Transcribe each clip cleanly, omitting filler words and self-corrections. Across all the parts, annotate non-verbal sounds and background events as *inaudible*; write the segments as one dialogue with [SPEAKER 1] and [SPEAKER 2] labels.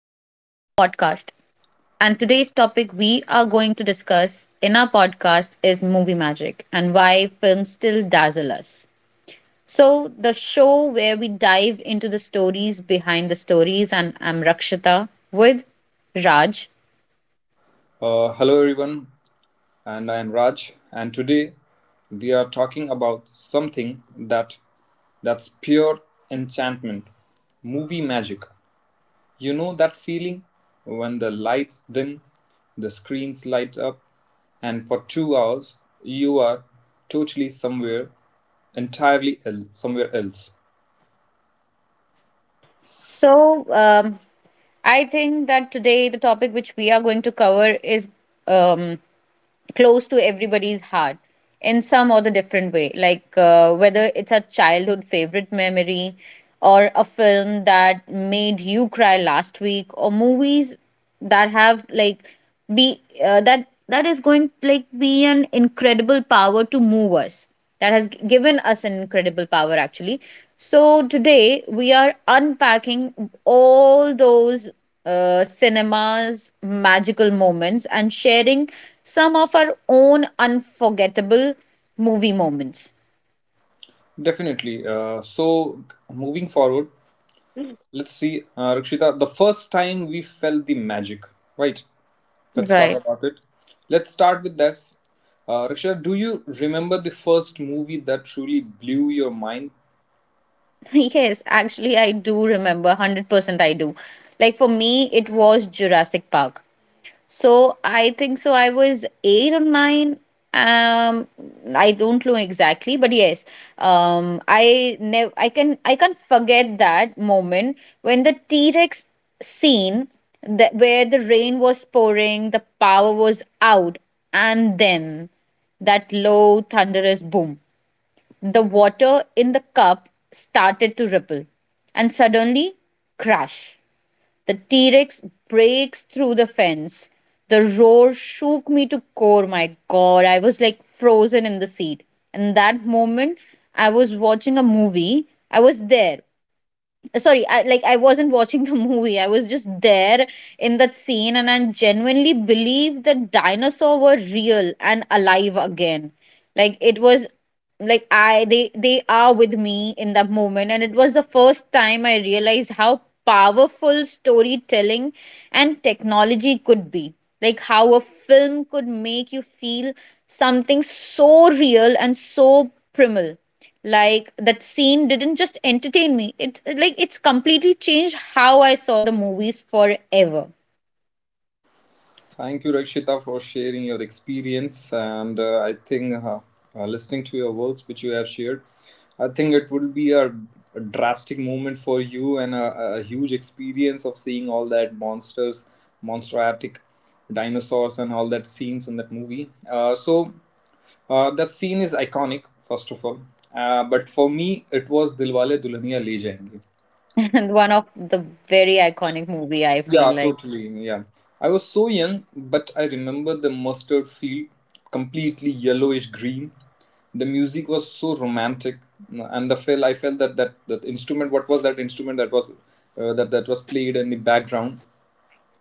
[SPEAKER 1] Podcast. And today's topic we are going to discuss in our podcast is movie magic and why films still dazzle us. So, the show where we dive into the stories behind the stories, and I'm Rakshita with Raj.
[SPEAKER 2] Hello, everyone, and I am Raj, and today we are talking about something that's pure enchantment, movie magic. You know that feeling when the lights dim, the screens light up, and for 2 hours you are totally somewhere somewhere else.
[SPEAKER 1] So, um, I think that today the topic which we are going to cover is um, close to everybody's heart in some or the different way, like whether it's a childhood favorite memory or a film that made you cry last week, or movies that have like be that that is going to like be an incredible power to move us, that has given us an incredible power actually. So today we are unpacking all those cinema's magical moments and sharing some of our own unforgettable movie moments.
[SPEAKER 2] Definitely. So moving forward, let's see, Rakshita. The first time we felt the magic, right? Let's talk
[SPEAKER 1] Right.
[SPEAKER 2] about it. Let's start with this. Rakshita, do you remember the first movie that truly blew your mind?
[SPEAKER 1] *laughs* Yes, actually, I do remember. 100% I do. Like for me, it was Jurassic Park. So I think so. I was eight or nine. Um, I don't know exactly, but yes, I can't forget that moment when the T Rex scene, that where the rain was pouring, the power was out, and then that low thunderous boom. The water in the cup started to ripple, and suddenly, crash. The T Rex breaks through the fence. The roar shook me to core. My God, I was like frozen in the seat. And that moment, I was watching a movie. I was there. Sorry, like, I wasn't watching the *laughs* movie, I was just there in that scene, and I genuinely believed that dinosaurs were real and alive again. Like it was like I they are with me in that moment. And it was the first time I realized how powerful storytelling and technology could be, like how a film could make you feel something so real and so primal. Like that scene didn't just entertain me, it like it's completely changed how I saw the movies forever.
[SPEAKER 2] Thank you, Rakshita, for sharing your experience. And I think listening to your words, which you have shared, I think it would be a drastic moment for you and a huge experience of seeing all that monsters, monsteratic dinosaurs, and all that scenes in that movie. That scene is iconic, first of all. But for me, it was Dilwale Dulhaniya Le Jayenge.
[SPEAKER 1] *laughs* And one of the very iconic movie I feel
[SPEAKER 2] Yeah,
[SPEAKER 1] like.
[SPEAKER 2] totally. Yeah. I was so young, but I remember the mustard field completely yellowish green. The music was so romantic, and the feel I felt that instrument. What was that instrument that was that was played in the background?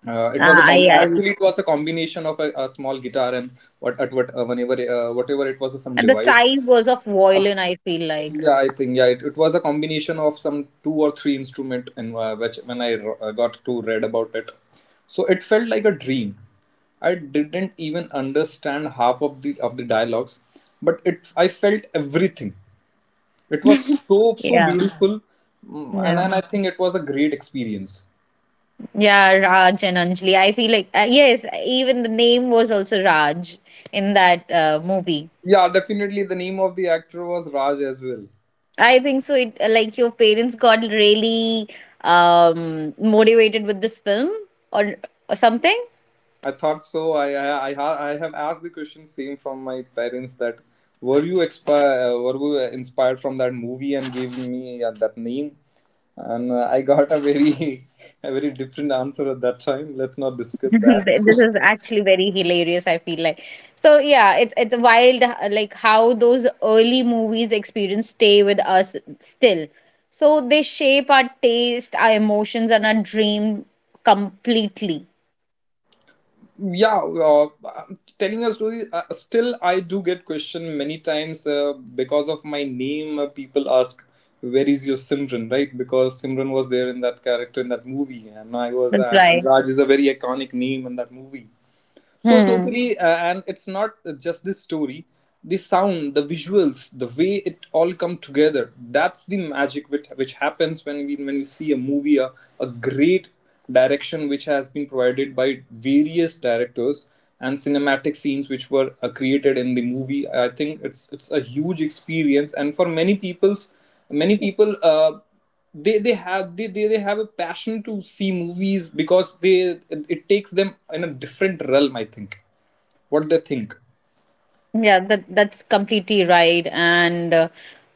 [SPEAKER 2] It was
[SPEAKER 1] I
[SPEAKER 2] actually it was a combination of a small guitar and what at what whenever whatever it was some
[SPEAKER 1] And the
[SPEAKER 2] device.
[SPEAKER 1] size was of violin, I feel like.
[SPEAKER 2] Yeah, I think yeah, it was a combination of some two or three instrument, and which when got to read about it, so it felt like a dream. I didn't even understand half of the dialogues, but it I felt everything. It was
[SPEAKER 1] *laughs*
[SPEAKER 2] so so
[SPEAKER 1] Yeah,
[SPEAKER 2] beautiful. Mm, and
[SPEAKER 1] yeah.
[SPEAKER 2] and I think it was a great experience.
[SPEAKER 1] Yeah, Raj and Anjali, I feel like, yes, even the name was also Raj in that movie.
[SPEAKER 2] Yeah, definitely the name of the actor was Raj as well.
[SPEAKER 1] I think so. It like your parents got really motivated with this film or or something.
[SPEAKER 2] I thought so. I have asked the question same from my parents that were you inspired from that movie and gave me that name, and I got a very, *laughs* a very different answer at that time. Let's not
[SPEAKER 1] *laughs*
[SPEAKER 2] discuss that.
[SPEAKER 1] This is actually very hilarious. I feel like so. Yeah, it's wild. Like how those early movies experience stay with us still. So they shape our taste, our emotions, and our dream completely.
[SPEAKER 2] *laughs* yeah, telling a story. Still, I do get questioned many times because of my name. People ask. Where is your Simran, right? Because Simran was there in that character in that movie, and I was,
[SPEAKER 1] That's
[SPEAKER 2] and
[SPEAKER 1] right.
[SPEAKER 2] Raj is a very iconic name in that movie. So
[SPEAKER 1] Hmm.
[SPEAKER 2] totally, and it's not just this story. The sound, the visuals, the way it all come together. That's the magic which happens when you see a movie, a great direction which has been provided by various directors and cinematic scenes which were created in the movie. I think it's a huge experience, and for many people's many people. They have a passion to see movies because they it takes them in a different realm, I think, what they think.
[SPEAKER 1] Yeah, that that's completely right, and uh,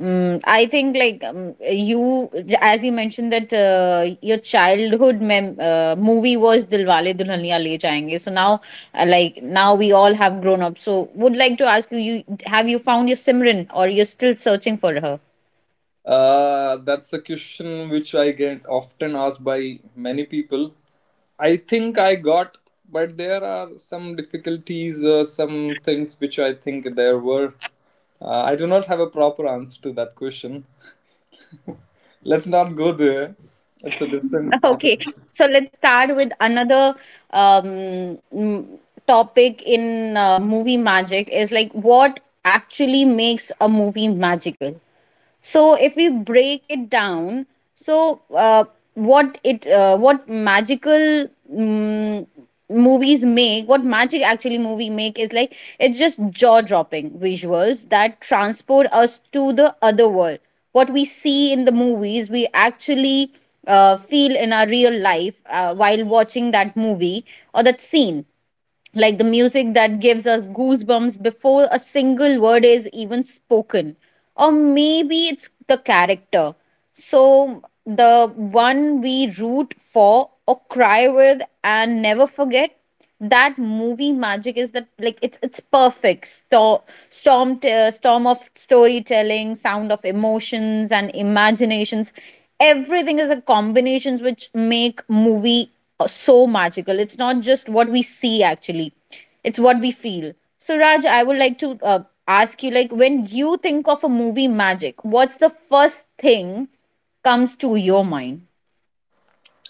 [SPEAKER 1] mm, I think like you, as you mentioned that your childhood movie was Dilwale Dulhaniya Le Jayenge. So now, like now we all have grown up. So would like to ask you, have you found your Simran, or you're still searching for her?
[SPEAKER 2] That's a question which I get often asked by many people. I think I got, but there are some difficulties, some things which I think there were, I do not have a proper answer to that question. Let's not go there. It's a different
[SPEAKER 1] *laughs*
[SPEAKER 2] part of.
[SPEAKER 1] Okay, so let's start with another um, mm, topic in movie magic. Is like what actually makes a movie magical. So if we break it down, so uh, what magical mm, movies make, what magic actually movie make is like it's just jaw dropping visuals that transport us to the other world. What we see in the movies, we actually feel in our real life while watching that movie or that scene, like the music that gives us goosebumps before a single word is even spoken, or maybe it's the character, so the one we root for or cry with and never forget. That movie magic is that, like it's perfect storm of storytelling, sound of emotions and imaginations. Everything is a combinations which make movie so magical. It's not just what we see actually, it's what we feel. So, Raj, I would like to ask you, like, when you think of a movie magic, what's the first thing comes to your mind?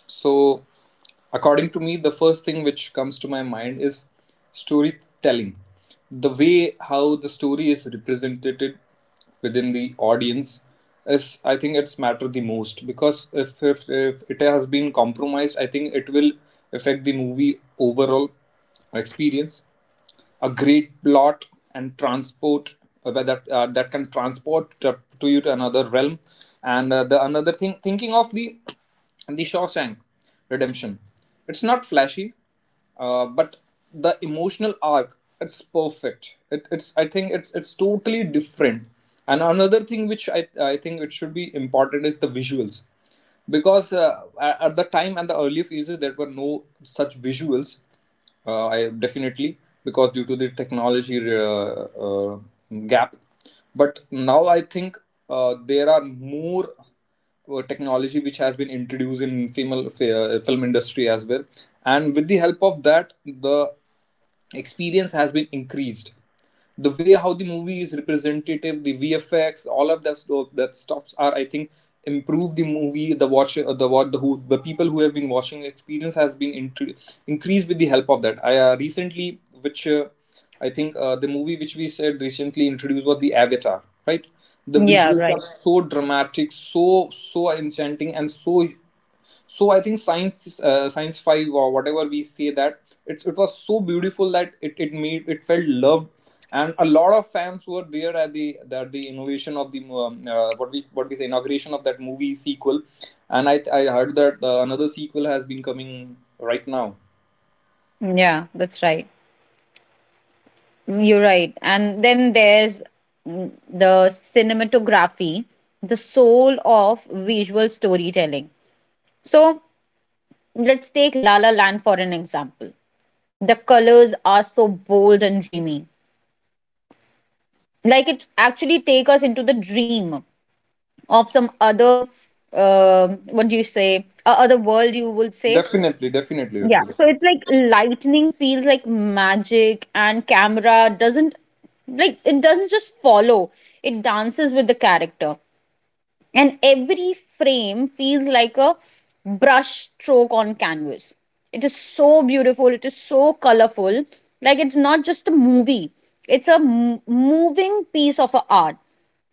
[SPEAKER 2] So, according to me, the first thing which comes to my mind is storytelling. The way how the story is represented within the audience is, I think, it's matter the most because if it has been compromised, I think it will affect the movie overall experience. A great plot and transport that that can transport to you to another realm, and the another thing, thinking of the Shawshank Redemption. It's not flashy, but the emotional arc, it's perfect. It's, I think it's totally different. And another thing which I think it should be important is the visuals, because at the time and the early phases there were no such visuals. I definitely, because due to the technology gap, but now I think there are more technology which has been introduced in film industry as well, and with the help of that, the experience has been increased. The way how the movie is representative, the VFX, all of that stuff, that stuffs are, I think, improve the movie. The watch the what the who the people who have been watching, experience has been intr increased with the help of that. I Recently, which, I think, the movie which we said recently introduced was the Avatar, right? The
[SPEAKER 1] Yeah,
[SPEAKER 2] visuals are
[SPEAKER 1] right.
[SPEAKER 2] so dramatic, so so enchanting, and so, so I think, science 5 or whatever we say, that it was so beautiful that it made it felt loved, and a lot of fans were there at the innovation of the what we say inauguration of that movie sequel, and I heard that another sequel has been coming right now.
[SPEAKER 1] Yeah, that's right. You're right. And then there's the cinematography, the soul of visual storytelling. So let's take La La Land for an example. The colors are so bold and dreamy. Like it actually take us into the dream of some other, what do you say, other world you would say.
[SPEAKER 2] Definitely, definitely,
[SPEAKER 1] Yeah,
[SPEAKER 2] actually.
[SPEAKER 1] so it's like lightning feels like magic and camera doesn't, like it doesn't just follow, it dances with the character, and every frame feels like a brush stroke on canvas. It is so beautiful, it is so colorful. Like it's not just a movie, it's a moving piece of a art.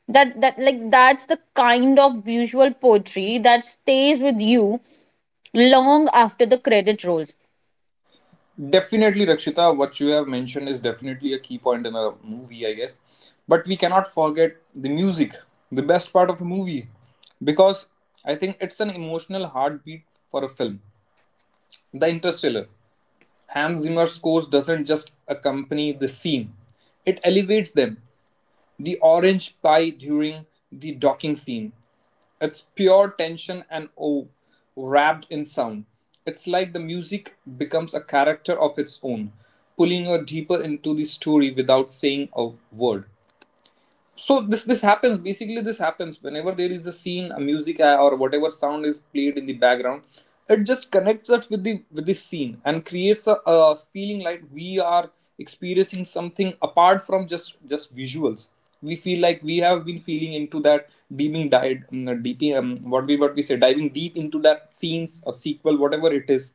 [SPEAKER 1] That that like that's the kind of visual poetry that stays with you long after the credit rolls.
[SPEAKER 2] Definitely, Rakshita, what you have mentioned is definitely a key point in a movie, I guess. But we cannot forget the music, the best part of a movie, because I think it's an emotional heartbeat for a film. The Interstellar. Hans Zimmer's scores doesn't just accompany the scene, it elevates them. The orange pie during the docking scene. It's pure tension and oh, wrapped in sound. It's like the music becomes a character of its own, pulling you deeper into the story without saying a word. So this happens, basically this happens whenever there is a scene, a music, or whatever sound is played in the background. It just connects us with the scene and creates a feeling like we are experiencing something apart from just visuals. We feel like we have been feeling into that, deeming died what we say diving deep into that scenes or sequel, whatever it is.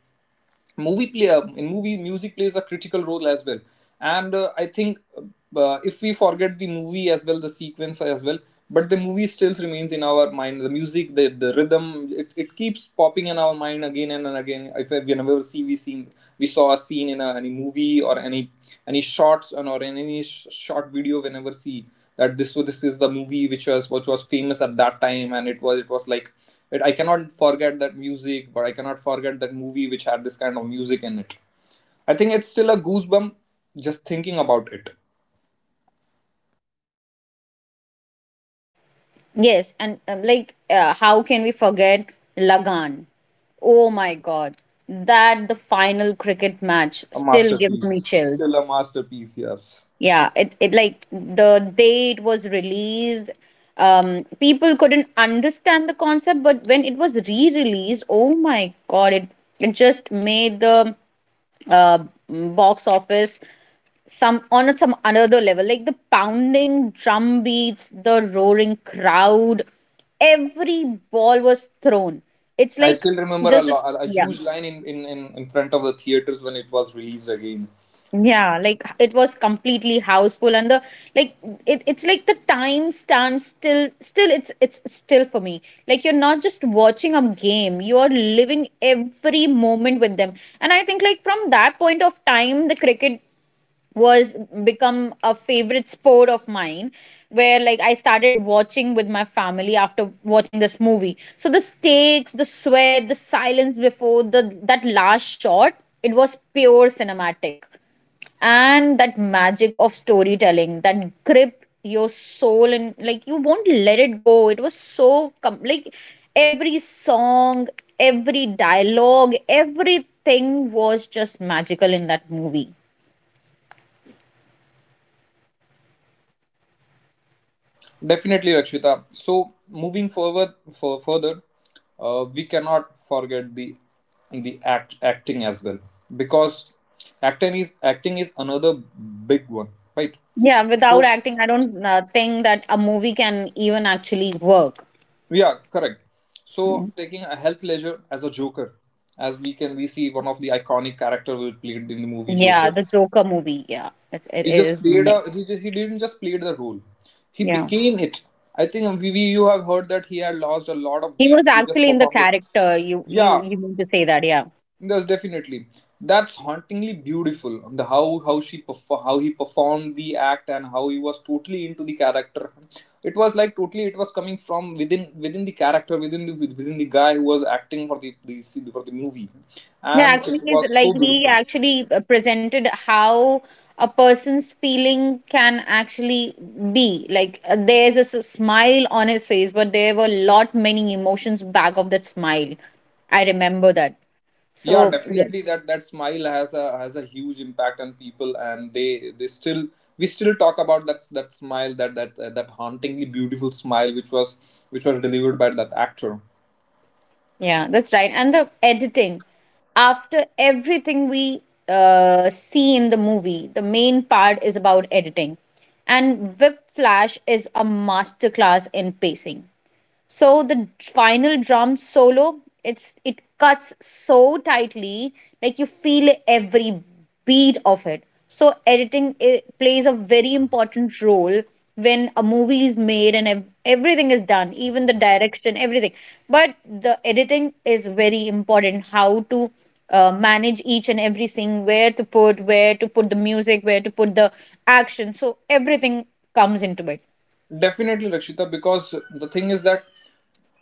[SPEAKER 2] Movie play uh, in movie, music plays a critical role as well. And I think, if we forget the movie as well, the sequence as well, but the movie still remains in our mind. The music, the rhythm, it keeps popping in our mind again and again. If we never see we seen, we saw a scene in a, any movie or any shots, and or in short video, we never see that this is the movie which was, which was famous at that time, and it was, it was like, it, I cannot forget that music, but I cannot forget that movie which had this kind of music in it. I think it's still a goosebump just thinking about it.
[SPEAKER 1] Yes, and like how can we forget lagan oh my god, that the final cricket match
[SPEAKER 2] A
[SPEAKER 1] still gives me
[SPEAKER 2] masterpiece,
[SPEAKER 1] chills.
[SPEAKER 2] still a masterpiece. Yes,
[SPEAKER 1] Yeah, it like the day it was released, people couldn't understand the concept, but when it was re-released, oh my god, it just made the box office some on at some another level. Like the pounding drum beats, the roaring crowd, every ball was thrown, it's
[SPEAKER 2] I
[SPEAKER 1] like
[SPEAKER 2] still remember
[SPEAKER 1] just a,
[SPEAKER 2] a
[SPEAKER 1] yeah.
[SPEAKER 2] huge line in front of the theaters when it was released again.
[SPEAKER 1] Yeah, like it was completely houseful and the, like it, it's like the time stands still, it's still for me, like you're not just watching a game, you're living every moment with them. And I think like from that point of time the cricket was become a favorite sport of mine, where like I started watching with my family after watching this movie. So the stakes, the sweat, the silence before the that last shot, it was pure cinematic. And that magic of storytelling that grip your soul and like you won't let it go. It was so like every song, every dialogue, everything was just magical in that movie.
[SPEAKER 2] Definitely, Rakshita. So, moving forward for further, we cannot forget the acting as well, because acting is another big one, right?
[SPEAKER 1] Yeah, without
[SPEAKER 2] So,
[SPEAKER 1] acting, I don't think that a movie can even actually work.
[SPEAKER 2] yeah, correct.
[SPEAKER 1] Yeah.
[SPEAKER 2] So, taking a health leisure as a Joker, as we can we see one of the iconic character who played in the movie
[SPEAKER 1] Yeah,
[SPEAKER 2] Joker.
[SPEAKER 1] the Joker movie. Yeah, it's, it
[SPEAKER 2] He just
[SPEAKER 1] is
[SPEAKER 2] played
[SPEAKER 1] like
[SPEAKER 2] a he just, he didn't just play the role, he
[SPEAKER 1] yeah.
[SPEAKER 2] became it. I think we you have heard that he had lost a lot of
[SPEAKER 1] He was
[SPEAKER 2] weight. He just
[SPEAKER 1] actually in the
[SPEAKER 2] performed it.
[SPEAKER 1] character. You
[SPEAKER 2] Yeah,
[SPEAKER 1] mean to say that? Yeah.
[SPEAKER 2] yes, definitely. That's hauntingly beautiful. The how she how he performed the act and how he was totally into the character. It was like totally it was coming from within the character, within the guy who was acting for the for the movie,
[SPEAKER 1] Yeah,
[SPEAKER 2] and it
[SPEAKER 1] actually, is
[SPEAKER 2] was
[SPEAKER 1] like
[SPEAKER 2] so
[SPEAKER 1] he
[SPEAKER 2] beautiful.
[SPEAKER 1] actually presented how a person's feeling can actually be. Like there's a smile on his face, but there were lot many emotions back of that smile. I remember that.
[SPEAKER 2] Yeah,
[SPEAKER 1] So yeah.
[SPEAKER 2] definitely that smile has a huge impact on people, and they still, we still talk about that smile, that hauntingly beautiful smile which was, which was delivered by that actor.
[SPEAKER 1] Yeah, that's right. And the editing, after everything we see in the movie, the main part is about editing. And Whiplash is a masterclass in pacing. So the final drum solo, it's it cuts so tightly, like you feel every beat of it. So editing it plays a very important role when a movie is made and everything is done, even the direction, everything. But the editing is very important. How to manage each and every scene, where to put the music, where to put the action. So everything comes into it.
[SPEAKER 2] Definitely, Rakshita, because the thing is that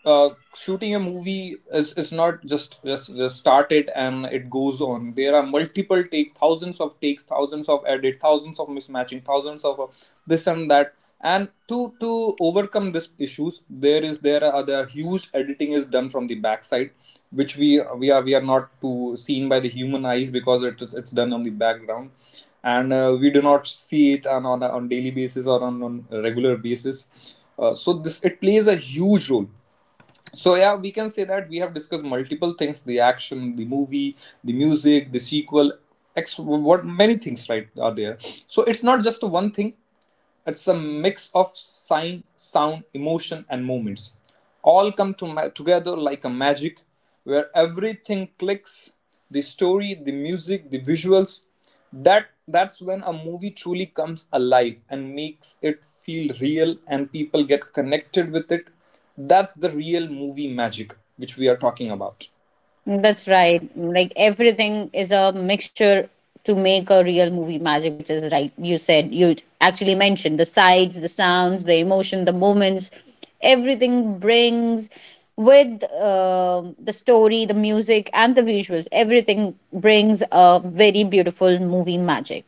[SPEAKER 2] shooting a movie is not just start it and it goes on. There are multiple take, thousands of takes, thousands of edit, thousands of mismatching, thousands of this and that. And to overcome these issues, there huge editing is done from the backside, which we are not to seen by the human eyes because it's done on the background, and we do not see it on daily basis or on a regular basis. So this it plays a huge role. So yeah, we can say that we have discussed multiple things, the action, the movie, the music, the sequel, ex- what many things, right, are there. So it's not just one thing, it's a mix of sign, sound, emotion, and movements. All come to together like a magic where everything clicks, the story, the music, the visuals. That's when a movie truly comes alive and makes it feel real and people get connected with it. That's the real movie magic which we are talking about.
[SPEAKER 1] That's right. Like everything is a mixture to make a real movie magic, which is right. You said you actually mentioned the sights, the sounds, the emotion, the moments. Everything brings with the story, the music, and the visuals. Everything brings a very beautiful movie magic.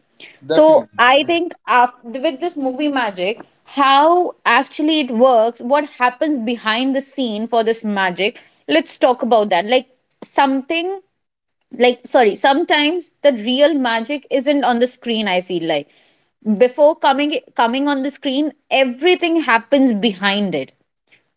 [SPEAKER 1] So
[SPEAKER 2] Definitely.
[SPEAKER 1] I think after, with this movie magic, how actually it works, what happens behind the scene for this magic, let's talk about that. Like something like sorry, sometimes the real magic isn't on the screen, I feel like. Before coming on the screen, everything happens behind it.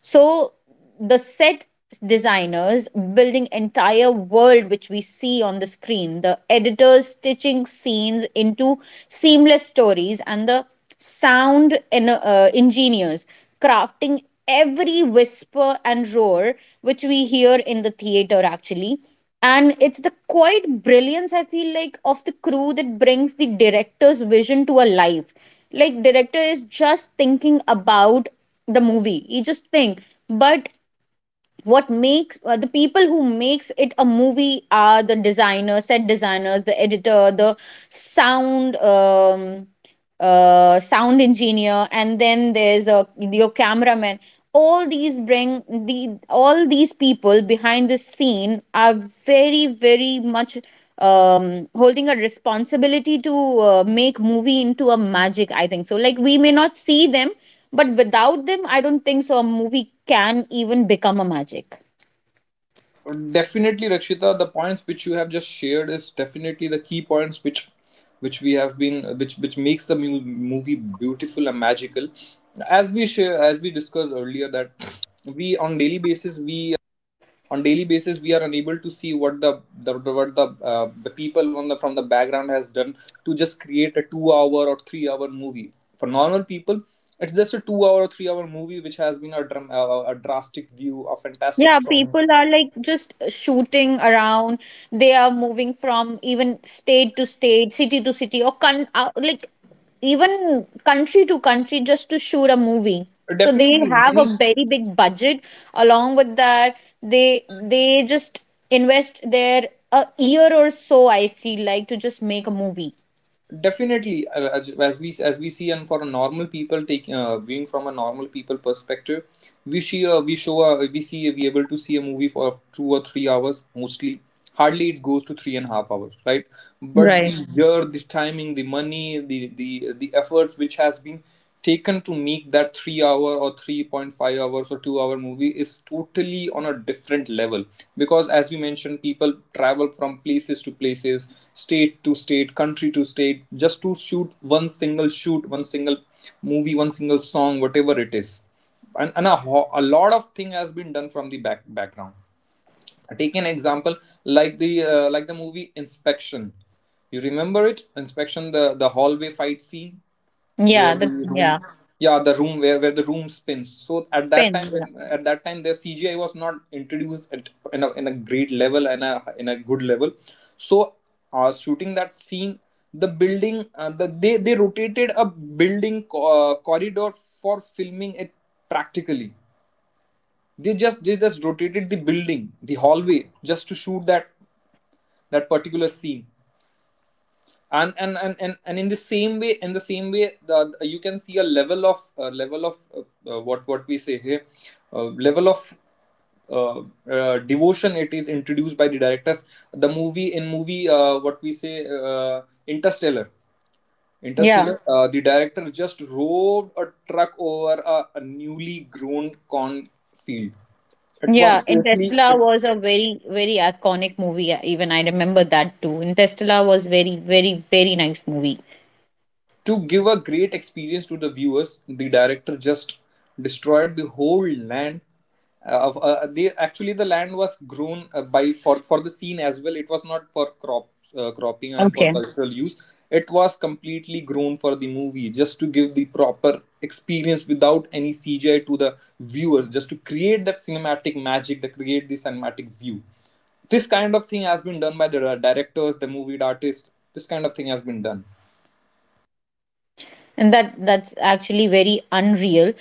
[SPEAKER 1] So the set designers building entire world which we see on the screen, the editors stitching scenes into seamless stories, and the sound engineers crafting every whisper and roar which we hear in the theater actually. And it's the quiet brilliance, I feel like, of the crew that brings the director's vision to a life. Like director is just thinking about the movie, you just think, but what makes the people who makes it a movie are set designers, the editor, the sound sound engineer, and then there's a, your cameraman. All these bring the all these people behind the scene are very very much holding a responsibility to make movie into a magic, I think so. Like we may not see them, but without them I don't think so a movie can even become a magic.
[SPEAKER 2] Definitely, Rakshita, the points which you have just shared is definitely the key points which we have been which makes the movie beautiful and magical. As we share, as we discussed earlier, that we on daily basis we on daily basis we are unable to see what the people on the from the background has done to just create a 2 hour or 3 hour movie. For normal people, it's just a 2 hour or 3 hour movie which has been a a drastic view, a fantastic
[SPEAKER 1] Yeah,
[SPEAKER 2] song.
[SPEAKER 1] people are like just shooting around. They are moving from even state to state, city to city, or like even country to country just to shoot a movie. So they
[SPEAKER 2] Definitely
[SPEAKER 1] have a
[SPEAKER 2] many.
[SPEAKER 1] very big budget. Along with that, they just invest their a year or so, I feel like, to just make a movie.
[SPEAKER 2] Definitely, as we see, and for a normal people taking viewing from a normal people perspective, We see a, we show a, we see a, we able to see a movie for 2 or 3 hours mostly. Hardly it goes to 3.5 hours, right? But the
[SPEAKER 1] Right.
[SPEAKER 2] Mhm. year, the timing, the money, the efforts which has been taken to make that 3 hour or 3.5 hours or 2 hour movie is totally on a different level, because as you mentioned, people travel from places to places, state to state, country to state, just to shoot one single movie, one single song, whatever it is. and, and a, a lot of thing has been done from the back background. Take an example, like the movie inspection. You remember it, inspection, the hallway fight scene where
[SPEAKER 1] Yeah, the
[SPEAKER 2] the room,
[SPEAKER 1] yeah
[SPEAKER 2] yeah, the room where the room spins. So at that
[SPEAKER 1] spends.
[SPEAKER 2] time,
[SPEAKER 1] Yeah,
[SPEAKER 2] their CGI was not introduced in a great level and a in a good level. So shooting that scene, they rotated a building corridor for filming it practically. They just rotated the building, the hallway, just to shoot that particular scene. And in the same way, In the same way, you can see a level of what we say here, level of uh, devotion it is introduced by the directors. The movie, in movie what we say Interstellar.
[SPEAKER 1] yeah.
[SPEAKER 2] Interstellar, the director just rode a truck over a newly grown cornfield. It
[SPEAKER 1] Yeah,
[SPEAKER 2] was totally
[SPEAKER 1] Interstellar was a very, very iconic movie. Even I remember that too. Interstellar was very, very, very nice movie.
[SPEAKER 2] to give a great experience to the viewers. The director just destroyed the whole land. They actually, the land was grown by for the scene as well. It was not for crops, cropping and for
[SPEAKER 1] Okay.
[SPEAKER 2] cultural use. It was completely grown for the movie, just to give the proper experience without any CGI to the viewers, just to create that cinematic magic, that create the cinematic view. This kind of thing has been done by the directors, the movie artists. This kind of thing has been done.
[SPEAKER 1] And that that's actually very unreal.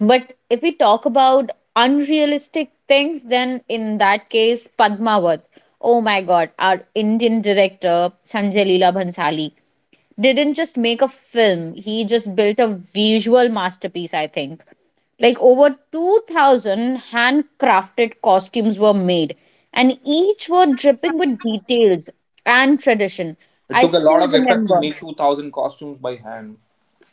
[SPEAKER 1] But if we talk about unrealistic things, then in that case, Padmavat. Oh my god, our Indian director Sanjay Leela Bhansali didn't just make a film, he just built a visual masterpiece, I think. Like, over 2000 handcrafted costumes were made, and each were dripping with details and tradition.
[SPEAKER 2] It
[SPEAKER 1] I
[SPEAKER 2] took a lot
[SPEAKER 1] still
[SPEAKER 2] of effort to
[SPEAKER 1] remember,
[SPEAKER 2] make 2,000 costumes by hand.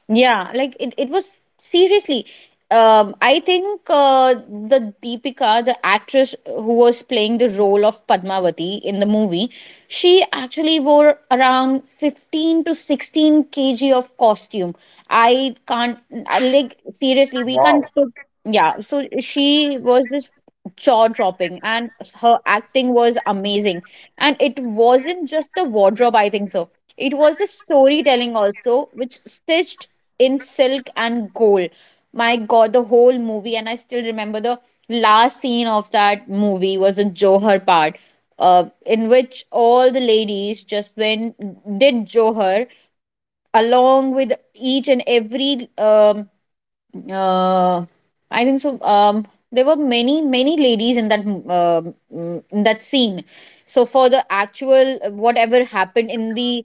[SPEAKER 1] yeah, like it was seriously. I think, the Deepika, the actress who was playing the role of Padmavati in the movie, she actually wore around 15 to 16 kg of costume. I can't, I, like, seriously, we
[SPEAKER 2] Wow.
[SPEAKER 1] can't put, yeah, so she was this jaw dropping, and her acting was amazing. And it wasn't just the wardrobe, I think so. It was the storytelling also, which stitched in silk and gold. My god, the whole movie. And I still remember the last scene of that movie was the johar part, in which all the ladies just went did johar along with each and every, uh, I think so. There were many many ladies in that scene. So for the actual, whatever happened in the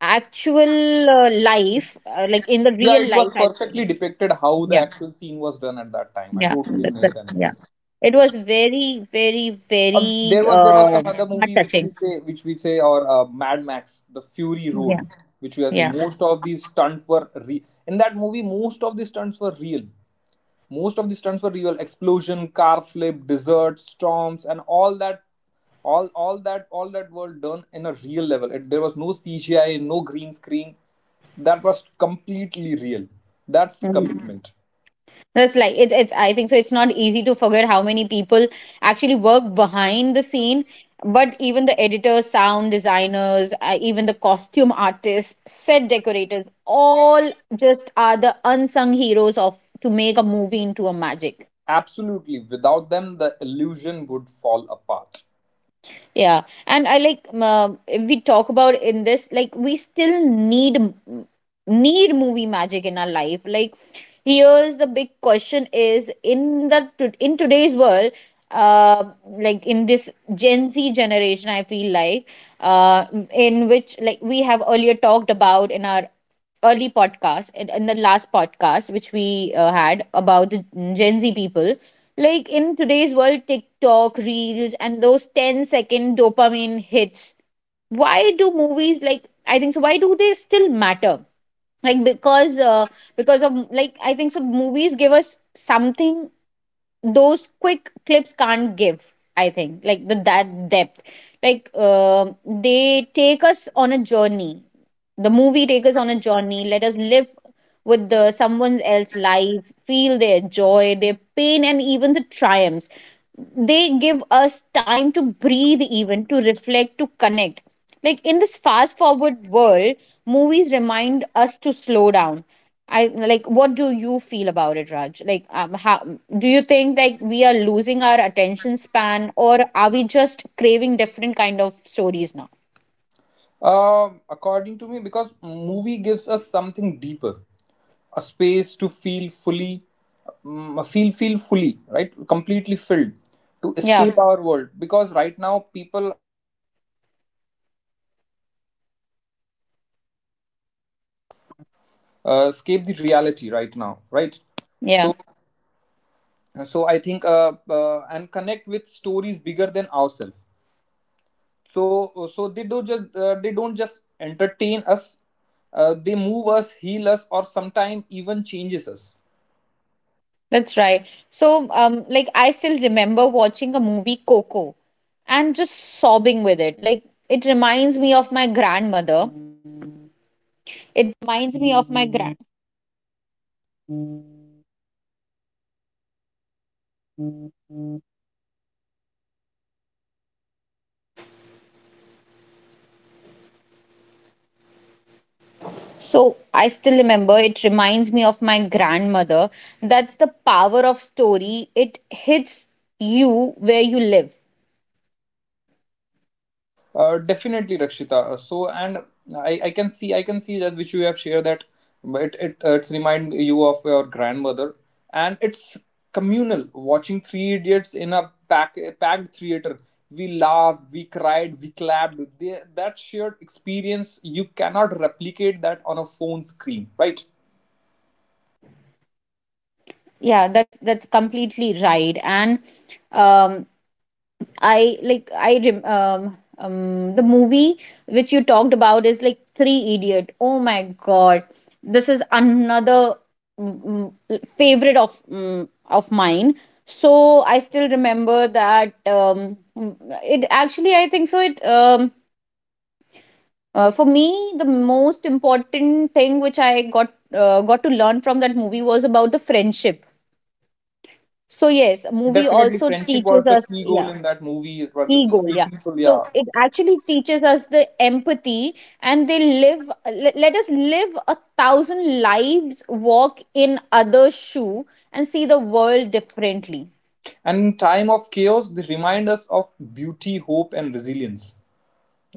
[SPEAKER 1] actual life, like in the
[SPEAKER 2] Yeah,
[SPEAKER 1] real
[SPEAKER 2] it
[SPEAKER 1] life,
[SPEAKER 2] was
[SPEAKER 1] I feel.
[SPEAKER 2] perfectly depicted how the
[SPEAKER 1] Yeah,
[SPEAKER 2] actual scene was done at that time. I
[SPEAKER 1] yeah, yeah,
[SPEAKER 2] totally
[SPEAKER 1] that,
[SPEAKER 2] understand.
[SPEAKER 1] yeah.
[SPEAKER 2] Yes.
[SPEAKER 1] It was very, very,
[SPEAKER 2] Uh,
[SPEAKER 1] very,
[SPEAKER 2] there was there was some other
[SPEAKER 1] heart
[SPEAKER 2] movie
[SPEAKER 1] touching.
[SPEAKER 2] which we say or Mad Max the Fury
[SPEAKER 1] Yeah,
[SPEAKER 2] Road, which we have
[SPEAKER 1] yeah.
[SPEAKER 2] seen. Most of these stunts were re- in that movie Most of the stunts were real. Explosion, car flip, desert storms, and all that. All that were done in a real level. There was no CGI, no green screen. That was completely real. That's
[SPEAKER 1] Mm,
[SPEAKER 2] commitment.
[SPEAKER 1] that's like it's I think so, it's not easy to forget how many people actually work behind the scene. But even the editors, sound designers, even the costume artists, set decorators, all just are the unsung heroes of to make a movie into a magic.
[SPEAKER 2] Absolutely. Without them, the illusion would fall apart.
[SPEAKER 1] Yeah, and I like, if we talk about in this, like we still need movie magic in our life. Like, here's the big question: is in today's world, like in this Gen Z generation, I feel like, uh, in which like we have earlier talked about in our early podcast, in the last podcast which we had about the Gen Z people. Like in today's world, TikTok, Reels, and those ten second dopamine hits, why do movies, like, I think so, why do they still matter? Like, because of, like, I think so, movies give us something those quick clips can't give, I think, like the that depth. Like, they take us on a journey, the movie take us on a journey, let us live with the someone else's life, feel their joy, their pain, and even the triumphs. They give us time to breathe, even to reflect, to connect. Like in this fast forward world, movies remind us to slow down. I like, what do you feel about it, Raj? Like, how do you think like we are losing our attention span, or are we just craving different kind of stories now?
[SPEAKER 2] According to me, because movie gives us something deeper, a space to feel fully, feel fully, right, completely filled, to
[SPEAKER 1] Yeah,
[SPEAKER 2] escape our world. Because right now people escape the reality right now, right?
[SPEAKER 1] yeah.
[SPEAKER 2] So so I think, and connect with stories bigger than ourselves. So so they do just they don't just entertain us, they move us, heal us, or sometimes even changes us.
[SPEAKER 1] That's right. So, like I still remember watching a movie Coco and just sobbing with it. Like it reminds me of my grandmother. So I still remember, it reminds me of my grandmother. That's the power of story. It hits you where you live.
[SPEAKER 2] Definitely, Rakshita. So, and I can see, I can see that which you have shared, that it's remind you of your grandmother, and it's communal. Watching Three Idiots in a packed theater, we laughed, we cried, we clapped. They, that shared experience, you cannot replicate that on a phone screen, right?
[SPEAKER 1] Yeah, that's completely right. And um I, like, the movie which you talked about is like Three Idiot. Oh my god, this is another favorite of mine. So I still remember that, it actually, I think so, it for me the most important thing which I got to learn from that movie was about the friendship. So yes, a movie
[SPEAKER 2] Definitely,
[SPEAKER 1] also
[SPEAKER 2] friendship
[SPEAKER 1] teaches
[SPEAKER 2] was the
[SPEAKER 1] us,
[SPEAKER 2] key
[SPEAKER 1] yeah.
[SPEAKER 2] goal in that movie. It were the
[SPEAKER 1] Key goal,
[SPEAKER 2] three
[SPEAKER 1] yeah.
[SPEAKER 2] people,
[SPEAKER 1] So
[SPEAKER 2] yeah.
[SPEAKER 1] it actually teaches us the empathy, and they live, let us live a thousand lives, walk in other shoe, and see the world differently.
[SPEAKER 2] And in time of chaos, they remind us of beauty, hope, and resilience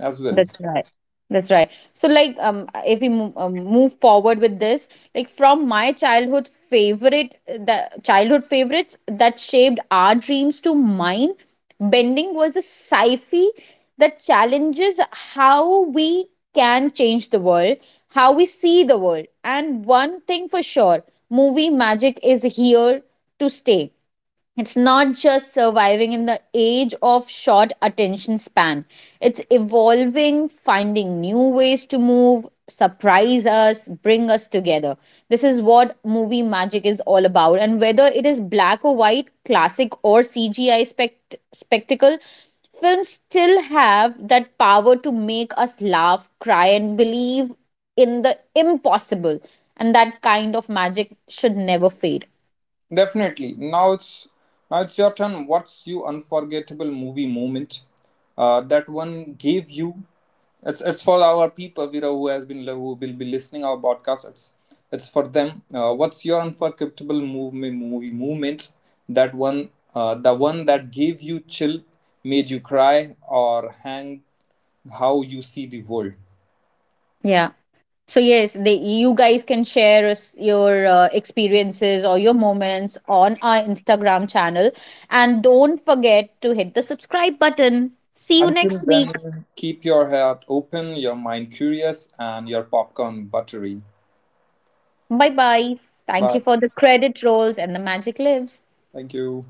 [SPEAKER 2] as well.
[SPEAKER 1] That's right. That's right. So, like, if we move forward with this, like, from my childhood favorite, the childhood favorites that shaped our dreams, to mine, bending was a sci-fi that challenges how we can change the world, how we see the world, and one thing for sure, movie magic is here to stay. It's not just surviving in the age of short attention span, it's evolving, finding new ways to move, surprise us, bring us together. This is what movie magic is all about. And whether it is black or white, classic or CGI spectacle, films still have that power to make us laugh, cry, and believe in the impossible. And that kind of magic should never fade.
[SPEAKER 2] Definitely. Now it's your turn. What's your unforgettable movie moment? That one gave you. It's for our people, you know, who has been who will be listening our podcast. It's for them. What's your unforgettable movie moment? That one, the one that gave you chill, made you cry, or hang how you see the world.
[SPEAKER 1] Yeah. So yes, they you guys can share us your experiences or your moments on our Instagram channel, and don't forget to hit the subscribe button. See you
[SPEAKER 2] Until
[SPEAKER 1] next week.
[SPEAKER 2] then, keep your heart open, your mind curious, and your popcorn buttery.
[SPEAKER 1] Bye bye. Thank you
[SPEAKER 2] Bye.
[SPEAKER 1] for the credit rolls and the magic lives.
[SPEAKER 2] Thank you.